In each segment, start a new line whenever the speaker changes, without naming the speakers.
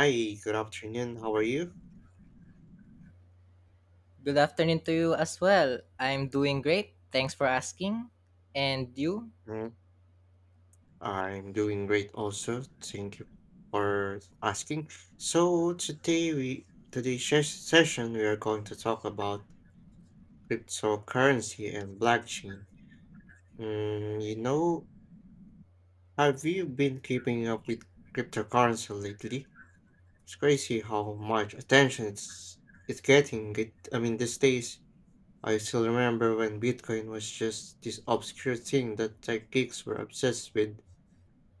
Hi, good afternoon. How are you?
Good afternoon to you as well. I'm doing great. Thanks for asking. And you?
Mm. I'm doing great also. Thank you for asking. So today we today's ses- session we are going to talk about cryptocurrency and blockchain. Mm, you know, have you been keeping up with cryptocurrency lately? It's crazy how much attention it's getting. I mean, these days I still remember when Bitcoin was just this obscure thing that tech geeks were obsessed with.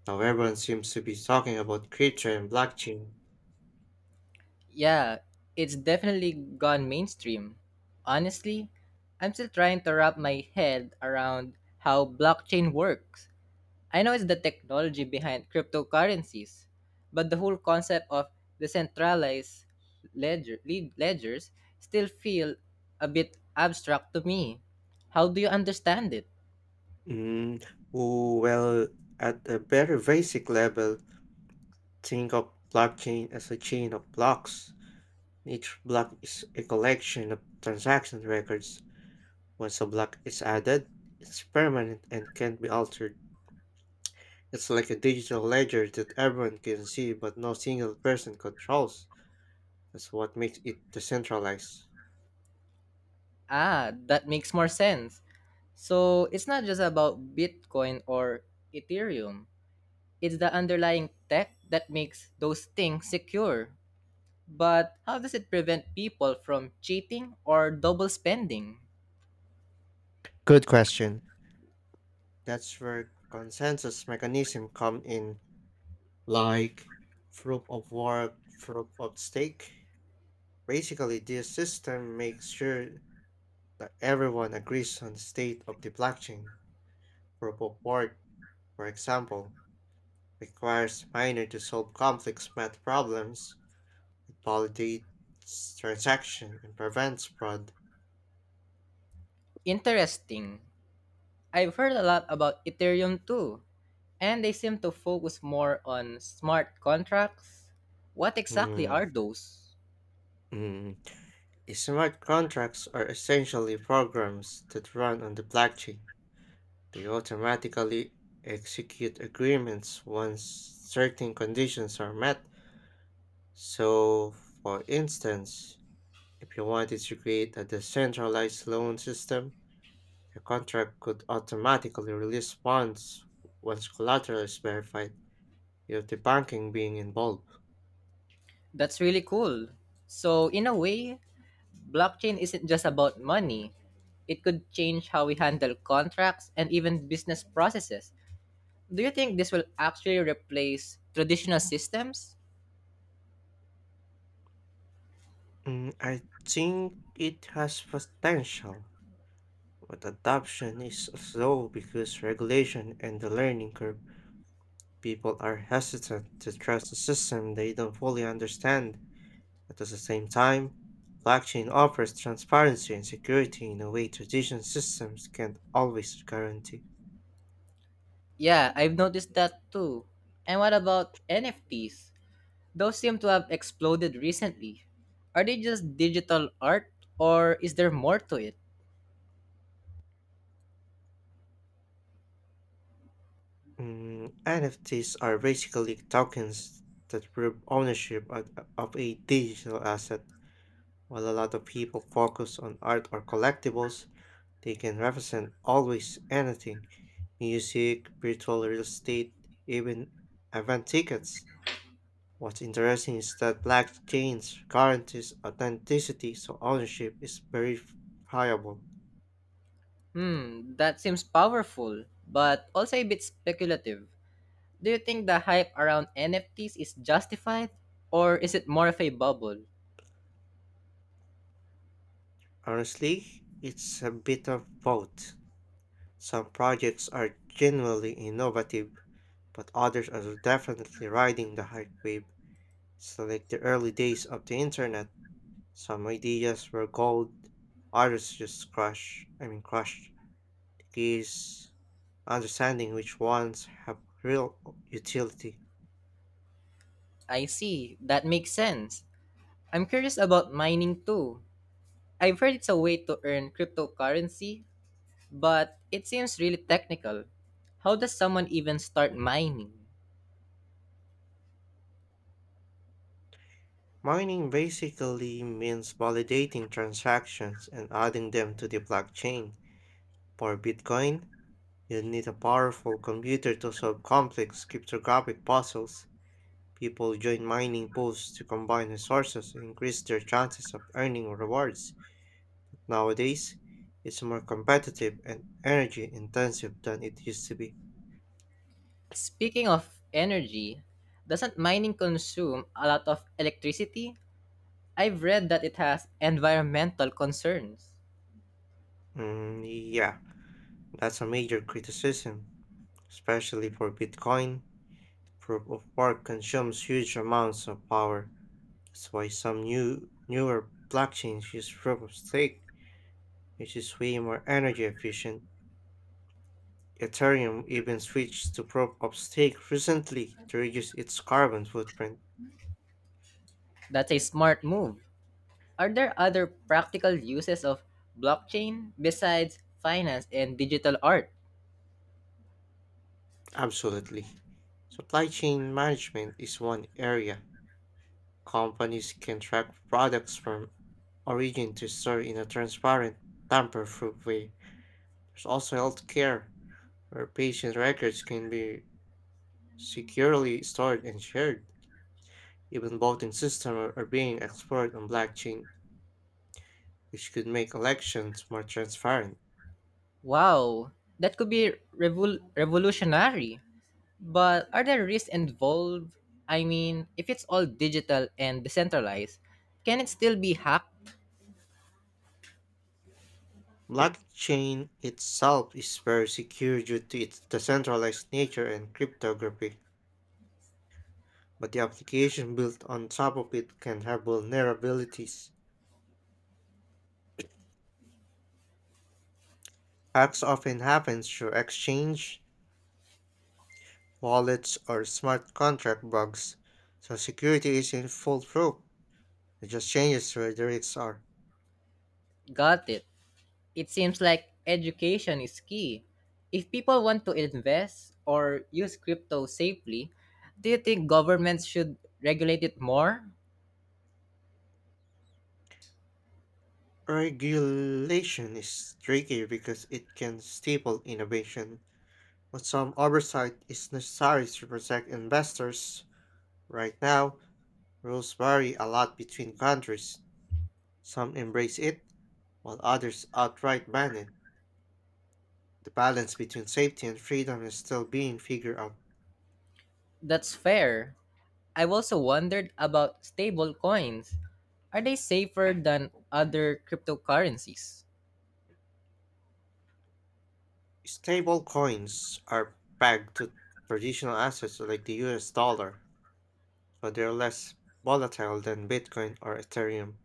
Now everyone seems to be talking about crypto and blockchain.
Yeah, it's definitely gone mainstream. Honestly, I'm still trying to wrap my head around how blockchain works. I know it's the technology behind cryptocurrencies, but the whole concept of decentralized ledgers still feel a bit abstract to me. How do you understand it?
Mm, oh, well, at a very basic level, think of blockchain as a chain of blocks. Each block is a collection of transaction records. Once a block is added, it's permanent and can't be altered. It's like a digital ledger that everyone can see but no single person controls. That's what makes it decentralized.
Ah, that makes more sense. So it's not just about Bitcoin or Ethereum. It's the underlying tech that makes those things secure. But how does it prevent people from cheating or double spending?
Good question. That's where consensus mechanism come in. Like proof of work, proof of stake. Basically, this system makes sure that everyone agrees on the state of the blockchain. Proof of work, for example, requires miner to solve complex math problems, it validates transaction, and prevents fraud.
Interesting. I've heard a lot about Ethereum too, and they seem to focus more on smart contracts. What exactly
Hmm.
are those?
mm. Smart contracts are essentially programs that run on the blockchain. They automatically execute agreements once certain conditions are met. So, for instance, if you wanted to create a decentralized loan system, the contract could automatically release funds once collateral is verified, without the banking being involved.
That's really cool. So, in a way, blockchain isn't just about money. It could change how we handle contracts and even business processes. Do you think this will actually replace traditional systems?
I think it has potential, but adoption is slow because regulation and the learning curve. People are hesitant to trust a system they don't fully understand, but at the same time, blockchain offers transparency and security in a way traditional systems can't always guarantee.
Yeah, I've noticed that too. And what about NFTs? Those seem to have exploded recently. Are they just digital art or is there more to it?
NFTs are basically tokens that prove ownership of a digital asset. While a lot of people focus on art or collectibles, they can represent always anything: music, virtual real estate, even event tickets. What's interesting is that blockchains guarantees authenticity, so ownership is verifiable.
Hmm, that seems powerful, but also a bit speculative. Do you think the hype around NFTs is justified or is it more of a bubble?
Honestly, it's a bit of both. Some projects are genuinely innovative, but others are definitely riding the hype wave. It's like the early days of the internet. Some ideas were gold, others just crash. I mean, crushed. The key is understanding which ones have real utility.
I see. That makes sense. I'm curious about mining too. I've heard it's a way to earn cryptocurrency, but it seems really technical. How does someone even start mining?
Mining basically means validating transactions and adding them to the blockchain. For Bitcoin, you need a powerful computer to solve complex cryptographic puzzles. People join mining pools to combine resources and increase their chances of earning rewards. Nowadays, it's more competitive and energy intensive than it used to be.
Speaking of energy, doesn't mining consume a lot of electricity? I've read that it has environmental concerns.
Mm, yeah, that's a major criticism, especially for Bitcoin. Proof of work consumes huge amounts of power. That's why some newer blockchains use proof of stake, which is way more energy efficient. Ethereum even switched to proof of stake recently to reduce its carbon footprint.
That's a smart move. Are there other practical uses of blockchain besides finance and digital art?
Absolutely. Supply chain management is one area. Companies can track products from origin to store in a transparent, tamper proof way. There's also healthcare, where patient records can be securely stored and shared. Even voting systems are being explored on blockchain, which could make elections more transparent.
Wow, that could be revolutionary. But are there risks involved? I mean, if it's all digital and decentralized, can it still be hacked?
Blockchain itself is very secure due to its decentralized nature and cryptography, but the application built on top of it can have vulnerabilities. Hacks often happen through exchange, wallets, or smart contract bugs, so security isn't foolproof. It just changes where the risks are.
Got it. It seems like education is key. If people want to invest or use crypto safely, do you think governments should regulate it more?
Regulation is tricky because it can stifle innovation, but some oversight is necessary to protect investors. Right now, rules vary a lot between countries. Some embrace it, while others outright ban it. The balance between safety and freedom is still being figured out.
That's fair. I've also wondered about stable coins. Are they safer than other cryptocurrencies?
Stable coins are pegged to traditional assets like the US dollar, so they're less volatile than Bitcoin or Ethereum.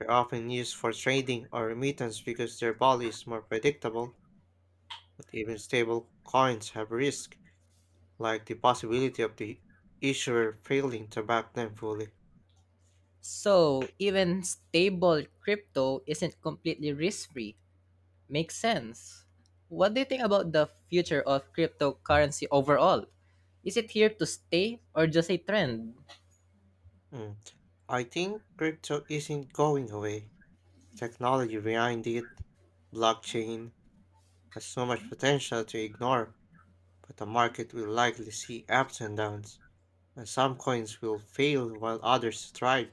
They're often used for trading or remittance because their value is more predictable, but even stable coins have risk, like the possibility of the issuer failing to back them fully.
So, even stable crypto isn't completely risk free. Makes sense. What do you think about the future of cryptocurrency overall? Is it here to stay or just a trend?
Mm. I think crypto isn't going away. The technology behind it, blockchain, has so much potential to ignore, but the market will likely see ups and downs, and some coins will fail while others thrive.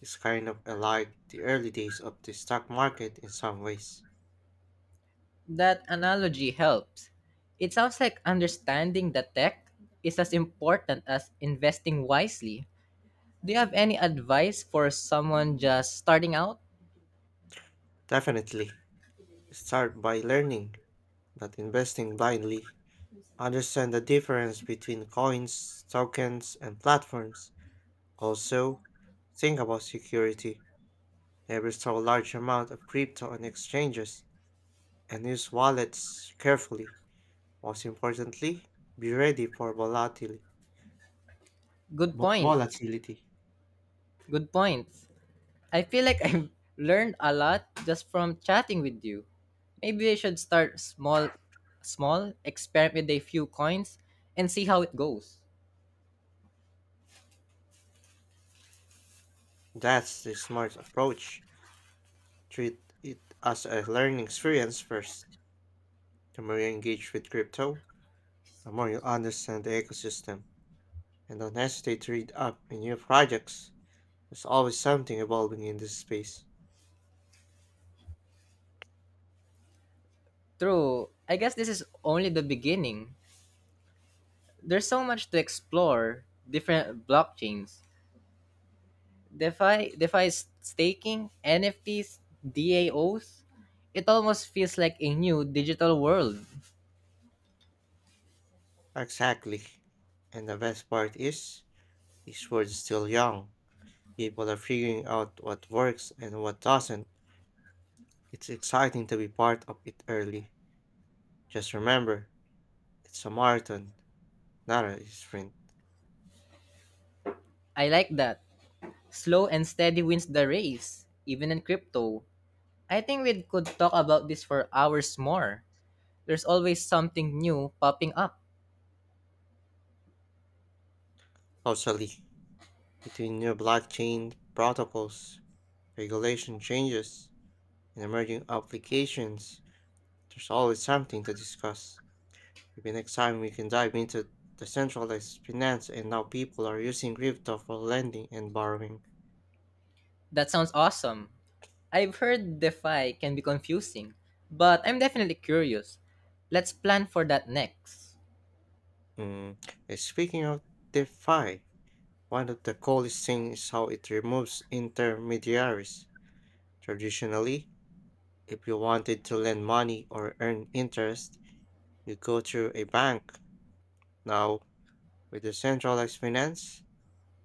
It's kind of like the early days of the stock market in some ways.
That analogy helps. It sounds like understanding the tech is as important as investing wisely. Do you have any advice for someone just starting out?
Definitely. Start by learning, not investing blindly. Understand the difference between coins, tokens, and platforms. Also, think about security. Never store large amount of crypto on exchanges and use wallets carefully. Most importantly, be ready for volatility.
Good points.
Volatility.
Good points. I feel like I've learned a lot just from chatting with you. Maybe I should start small, experiment with a few coins and see how it goes.
That's the smart approach. Treat it as a learning experience first. The more you engage with crypto, the more you understand the ecosystem. And honestly to read up in new projects. There's always something evolving in this space.
True, I guess this is only the beginning. There's so much to explore, different blockchains. DeFi is staking, NFTs, DAOs. It almost feels like a new digital world.
Exactly. And the best part is, this world is still young. People are figuring out what works and what doesn't. It's exciting to be part of it early. Just remember, it's a marathon, not a sprint.
I like that. Slow and steady wins the race, even in crypto. I think we could talk about this for hours more. There's always something new popping up.
Closely, between new blockchain protocols, regulation changes, and emerging applications, there's always something to discuss. Maybe next time we can dive into decentralized finance and how people are using crypto for lending and borrowing.
That sounds awesome. I've heard DeFi can be confusing, but I'm definitely curious. Let's plan for that next.
Mm. and Speaking of DeFi, one of the coolest things is how it removes intermediaries. Traditionally, if you wanted to lend money or earn interest, you go through a bank. Now, with decentralized finance,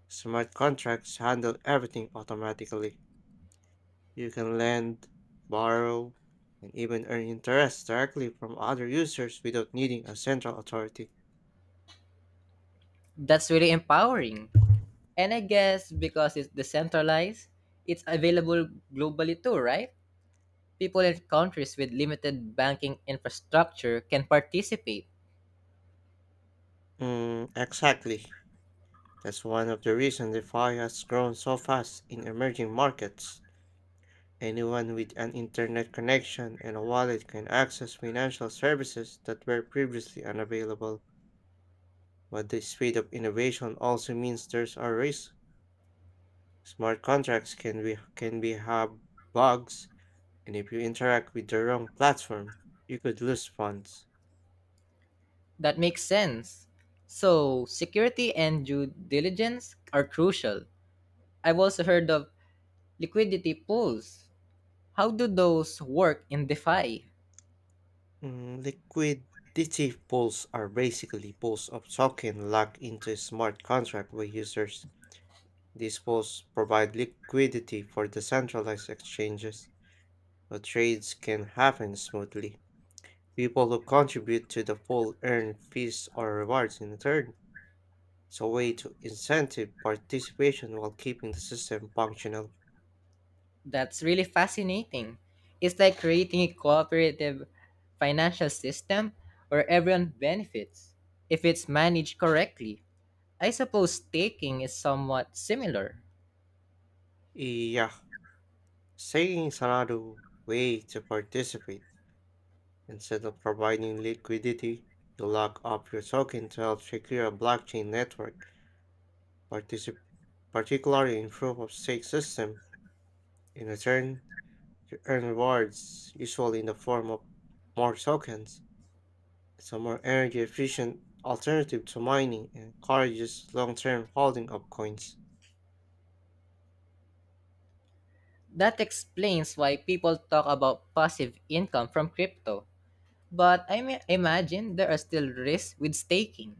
smart contracts handle everything automatically. You can lend, borrow, and even earn interest directly from other users without needing a central authority.
That's really empowering. And I guess because it's decentralized, it's available globally too, right? People in countries with limited banking infrastructure can participate.
Exactly. That's one of the reasons DeFi has grown so fast in emerging markets. Anyone with an internet connection and a wallet can access financial services that were previously unavailable. But the speed of innovation also means there's a risk. Smart contracts can be have bugs. And if you interact with the wrong platform, you could lose funds.
That makes sense. So, security and due diligence are crucial. I've also heard of liquidity pools. How do those work in DeFi?
Liquidity pools are basically pools of token locked into a smart contract by users. These pools provide liquidity for the centralized exchanges, so trades can happen smoothly. People who contribute to the pool earn fees or rewards in return. It's a way to incentive participation while keeping the system functional.
That's really fascinating. It's like creating a cooperative financial system where everyone benefits if it's managed correctly. I suppose staking is somewhat similar.
Yeah, saying is another way to participate. Instead of providing liquidity, you lock up your token to help secure a blockchain network, particip- particularly in proof of stake system. In return, you earn rewards, usually in the form of more tokens. It's a more energy efficient alternative to mining and encourages long term holding of coins.
That explains why people talk about passive income from crypto. But I may imagine there are still risks with staking.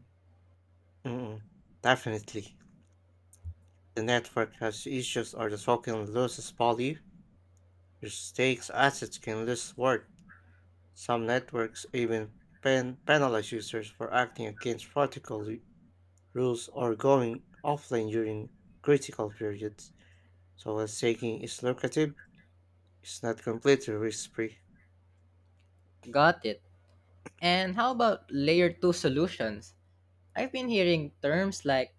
Mm-mm, definitely. The network has issues or the token loses value which stakes assets can lose worth. Some networks even penalize users for acting against protocol rules or going offline during critical periods. So while staking is lucrative, it's not completely risk-free.
Got it. And how about layer 2 solutions? I've been hearing terms like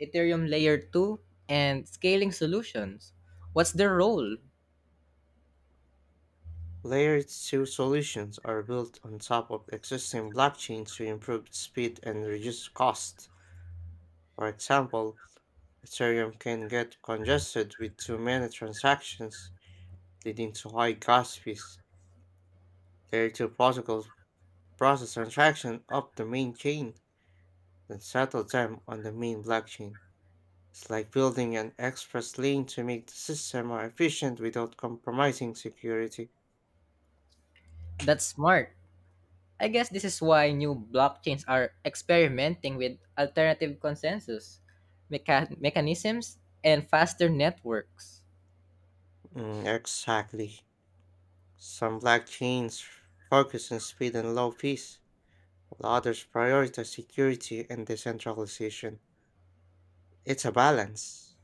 Ethereum Layer 2 and scaling solutions. What's their role?
Layer 2 solutions are built on top of existing blockchains to improve speed and reduce cost. For example, Ethereum can get congested with too many transactions, leading to high gas fees. Their two protocols process transactions up the main chain, then settle them on the main blockchain. It's like building an express lane to make the system more efficient without compromising security.
That's smart. I guess this is why new blockchains are experimenting with alternative consensus mechanisms and faster networks.
Exactly. Some blockchains focus on speed and low fees, while others prioritize security and decentralization. It's a balance,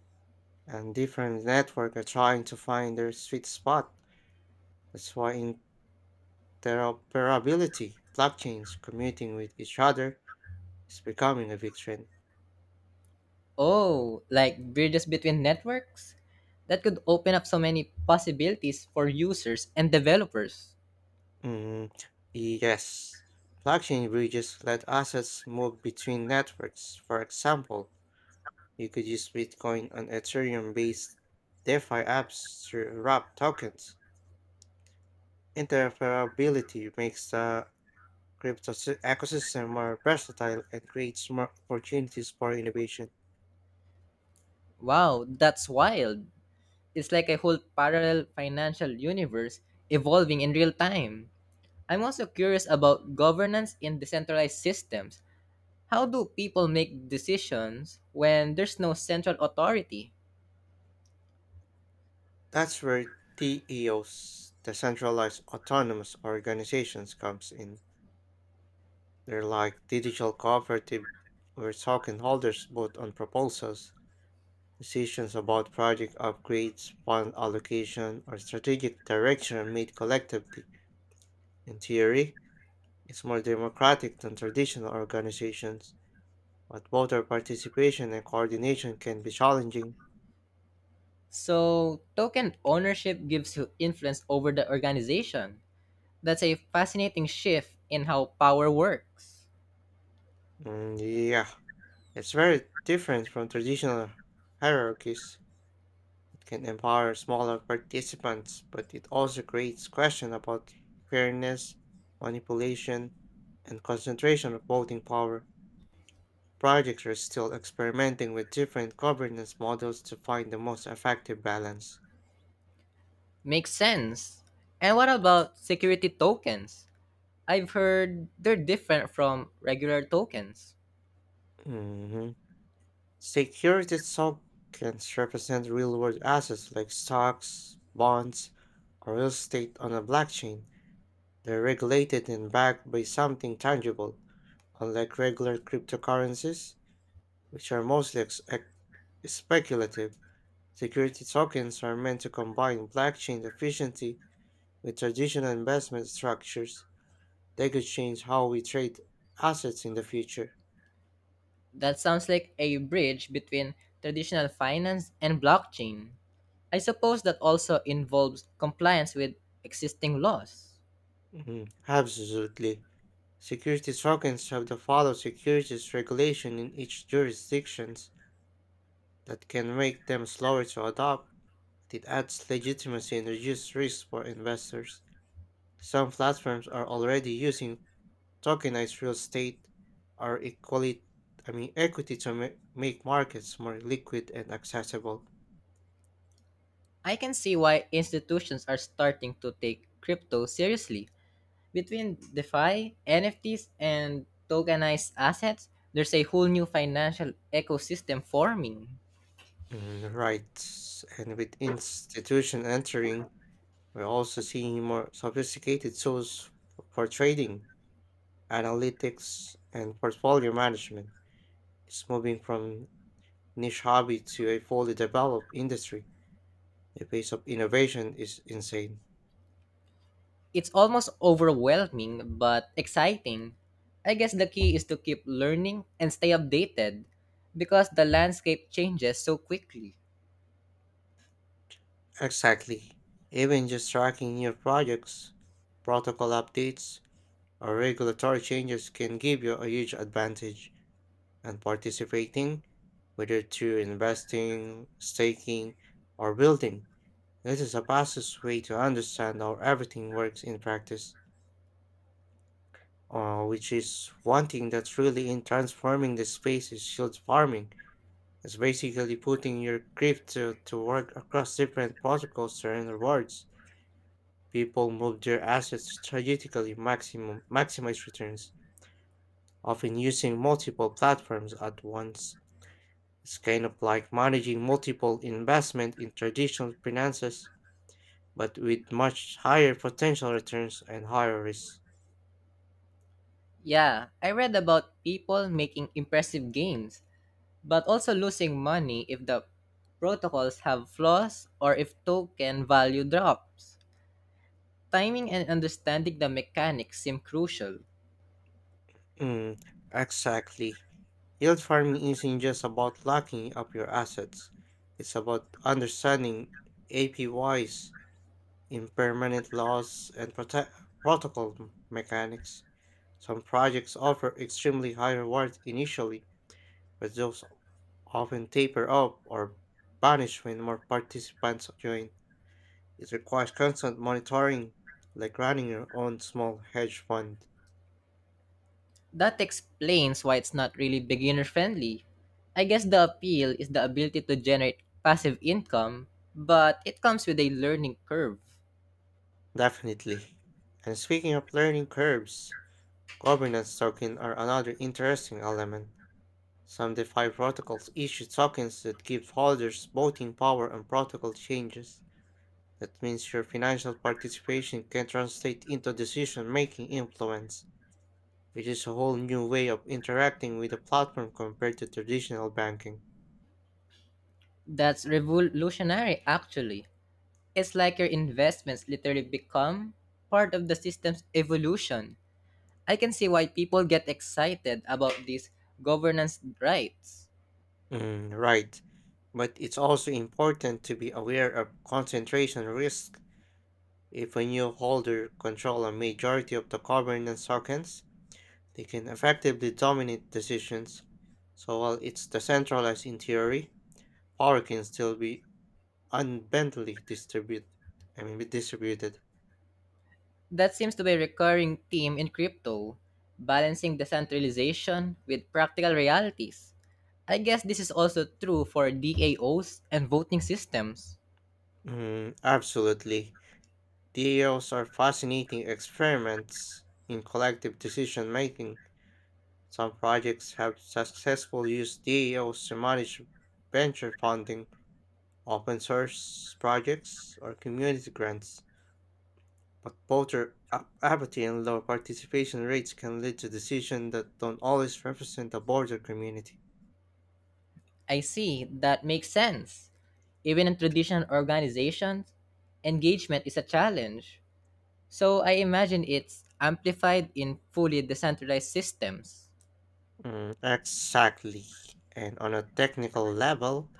and different networks are trying to find their sweet spot. That's why in interoperability, blockchains commuting with each other is becoming a big trend.
Oh, like bridges between networks? That could open up so many possibilities for users and developers.
Mm, yes. Blockchain bridges let assets move between networks. For example, you could use Bitcoin and Ethereum based DeFi apps to wrap tokens. Interoperability makes the ecosystem more versatile and creates more opportunities for innovation.
Wow, that's wild. It's like a whole parallel financial universe evolving in real time. I'm also curious about governance in decentralized systems. How do people make decisions when there's no central authority?
That's where TEOs, the decentralized autonomous organizations, comes in. They're like digital cooperative where token holders vote on proposals, decisions about project upgrades, fund allocation, or strategic direction are made collectively. In theory, it's more democratic than traditional organizations, but voter participation and coordination can be challenging.
So, token ownership gives you influence over the organization. That's a fascinating shift in how power works.
Mm, yeah, it's very different from traditional hierarchies. It can empower smaller participants, but it also creates questions about fairness, manipulation, and concentration of voting power. Projects are still experimenting with different governance models to find the most effective balance.
Makes sense. And what about security tokens? I've heard they're different from regular tokens.
hmm Security tokens represent real world assets like stocks, bonds, or real estate on a blockchain. They're regulated and backed by something tangible, unlike regular cryptocurrencies. Which are mostly speculative. Security tokens are meant to combine blockchain efficiency with traditional investment structures. They could change how we trade assets in the future.
That sounds like a bridge between traditional finance and blockchain. I suppose that also involves compliance with existing laws.
Mhm, absolutely. Security tokens have to follow securities regulation in each jurisdictions that can make them slower to adopt. It adds legitimacy and reduces risk for investors. Some platforms are already using tokenized real estate are equally I mean equity to make markets more liquid and accessible.
I can see why institutions are starting to take crypto seriously. Between DeFi, NFTs, and tokenized assets, there's a whole new financial ecosystem forming.
Right. And with institution entering, we're also seeing more sophisticated tools for trading, analytics, and portfolio management. It's moving from niche hobby to a fully developed industry. The pace of innovation is insane.
It's almost overwhelming but exciting. I guess the key is to keep learning and stay updated because the landscape changes so quickly.
Exactly. Even just tracking new projects, protocol updates, our regulatory changes can give you a huge advantage, and participating, whether through investing, staking, or building, this is a fastest way to understand how everything works in practice. Which is one thing that's really in transforming the space is shield farming. It's basically putting your crypto to work across different protocols to earn rewards. People move their assets strategically, maximum maximize returns. Often using multiple platforms at once. It's kind of like managing multiple investment in traditional finances, but with much higher potential returns and higher risk.
Yeah, I read about people making impressive gains, but also losing money if the protocols have flaws or if token value drops. Timing and understanding the mechanics seem crucial.
Mm, exactly. Yield farming isn't just about locking up your assets. It's about understanding APYs, impermanent laws, and protocol mechanics. Some projects offer extremely high rewards initially, but those often taper off or vanish when more participants join. It requires constant monitoring, like running your own small hedge fund.
That explains why it's not really beginner friendly. I guess the appeal is the ability to generate passive income, but it comes with a learning curve.
Definitely. And speaking of learning curves, governance tokens are another interesting element. Some DeFi protocols issue tokens that give holders voting power on protocol changes. That means your financial participation can translate into decision making influence, which is a whole new way of interacting with the platform compared to traditional banking.
That's revolutionary, actually. It's like your investments literally become part of the system's evolution. I can see why people get excited about these governance rights.
Mm, right. But it's also important to be aware of concentration risk. If a new holder control a majority of the governance tokens, they can effectively dominate decisions. So while it's decentralized in theory, power can still be unbendly distribute, I mean, distributed.
That seems to be a recurring theme in crypto, balancing decentralization with practical realities. I guess this is also true for DAOs and voting systems.
Mm, absolutely. DAOs are fascinating experiments in collective decision making. Some projects have successfully used DAOs to manage venture funding, open source projects, or community grants. But both are apathy and low participation rates can lead to decisions that don't always represent the broader community.
I see, that makes sense. Even in traditional organizations, engagement is a challenge. So I imagine it's amplified in fully decentralized systems.
Mm, exactly. And on a technical level,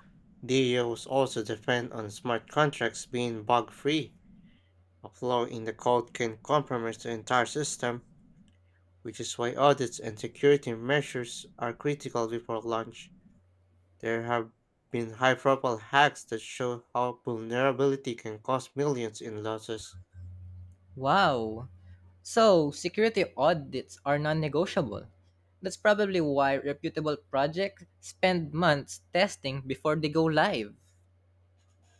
DAOs also depend on smart contracts being bug free. A flaw in the code can compromise the entire system, which is why audits and security measures are critical before launch. There have been high profile hacks that show how vulnerability can cost millions in losses.
Wow. So, security audits are non negotiable. That's probably why reputable projects spend months testing before they go live.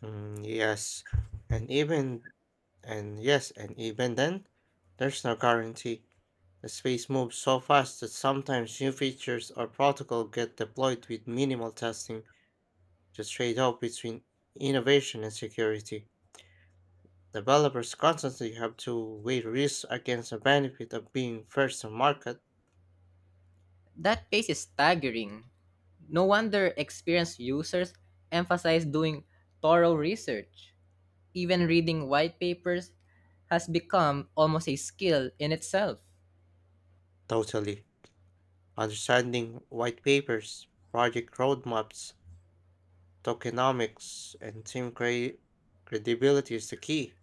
Mm, yes, and even and even then, there's no guarantee. The space moves so fast that sometimes new features or protocol get deployed with minimal testing, the trade-off between innovation and security. Developers constantly have to weigh risks against the benefit of being first to market.
That pace is staggering. No wonder experienced users emphasize doing thorough research. Even reading white papers has become almost a skill in itself.
Totally. Understanding white papers, project roadmaps, tokenomics, and credibility is the key.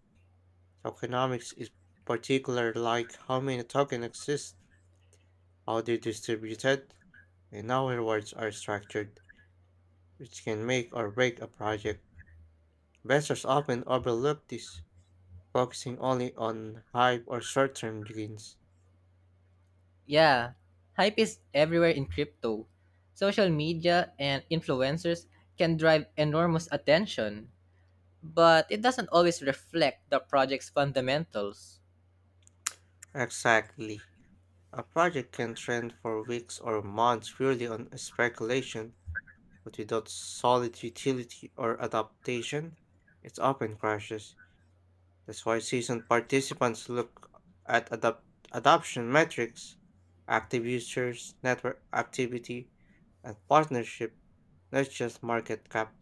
Tokenomics is particular like how many tokens exist, how they're distributed, and how rewards are structured, which can make or break a project. Investors often overlook this, focusing only on hype or short-term gains.
Yeah, hype is everywhere in crypto. Social media and influencers can drive enormous attention. But it doesn't always reflect the project's fundamentals.
Exactly. A project can trend for weeks or months purely on speculation, but without solid utility or adaptation, it often crashes. That's why seasoned participants look at adoption metrics, active users, network activity, and partnership, not just market cap.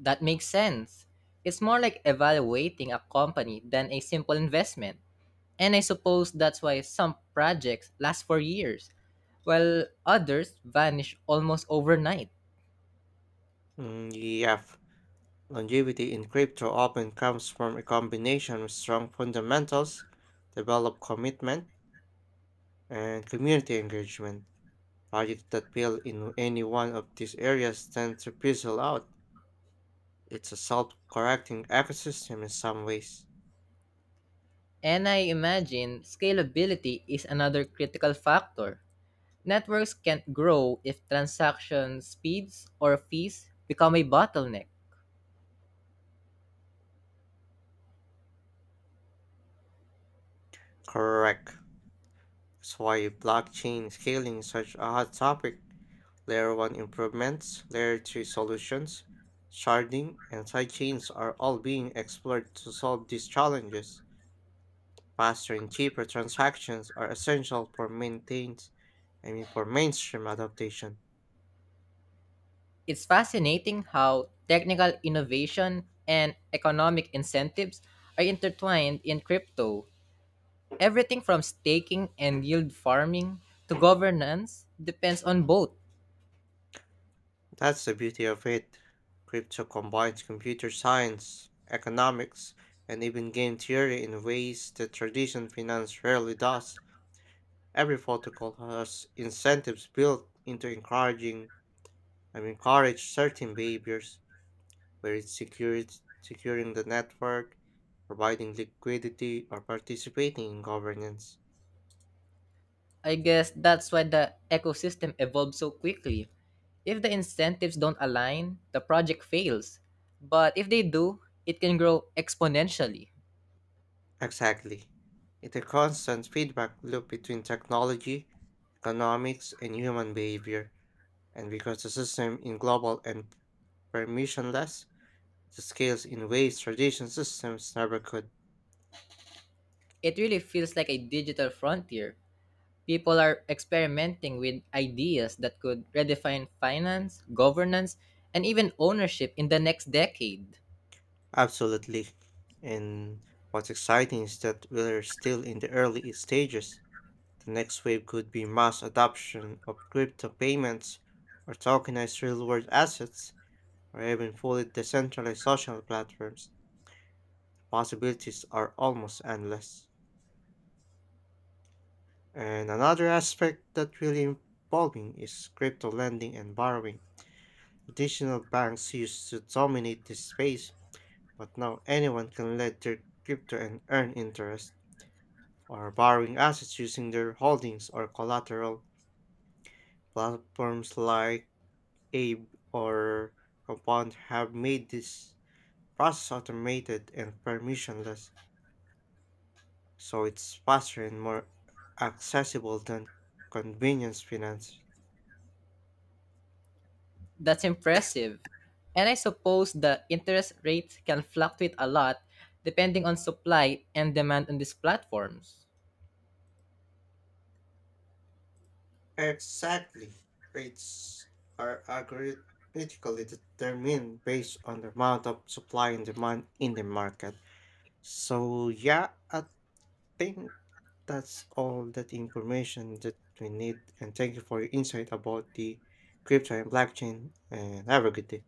That makes sense. It's more like evaluating a company than a simple investment. And I suppose that's why some projects last for years, while others vanish almost overnight.
Mm, EF. Longevity in crypto often comes from a combination of strong fundamentals, developed commitment, and community engagement. Projects that fail in any one of these areas tend to fizzle out. It's a self correcting ecosystem in some ways.
And I imagine scalability is another critical factor. Networks can't grow if transaction speeds or fees become a bottleneck.
Correct. That's why blockchain scaling is such a hot topic. Layer 1 improvements, Layer 2 solutions, sharding, and sidechains are all being explored to solve these challenges. Faster and cheaper transactions are essential for maintains, I mean for mainstream adaptation.
It's fascinating how technical innovation and economic incentives are intertwined in crypto. Everything from staking and yield farming to governance depends on both.
That's the beauty of it. Crypto combines computer science, economics, and even game theory in ways that traditional finance rarely does. Every protocol has incentives built into encourage certain behaviors, where it's securing the network, providing liquidity, or participating in governance.
I guess that's why the ecosystem evolves so quickly. If the incentives don't align, the project fails. But if they do, it can grow exponentially.
Exactly. It's a constant feedback loop between technology, economics, and human behavior. And because the system is global and permissionless, it scales in ways traditional systems never could.
It really feels like a digital frontier. People are experimenting with ideas that could redefine finance, governance, and even ownership in the next decade.
Absolutely. And what's exciting is that we're still in the early stages. The next wave could be mass adoption of crypto payments or tokenized real world assets or even fully decentralized social platforms. Possibilities are almost endless. And another aspect that really evolving is crypto lending and borrowing. Traditional banks used to dominate this space, but now anyone can lend their crypto and earn interest or borrowing assets using their holdings or collateral. Platforms like Abe or Compound have made this process automated and permissionless, so it's faster and more accessible than convenience finance.
That's impressive. And I suppose the interest rates can fluctuate a lot depending on supply and demand on these platforms.
Exactly. Rates are algorithmically determined based on the amount of supply and demand in the market. So, yeah, I think that's all that information that we need. And thank you for your insight about the crypto and blockchain. And have a good day.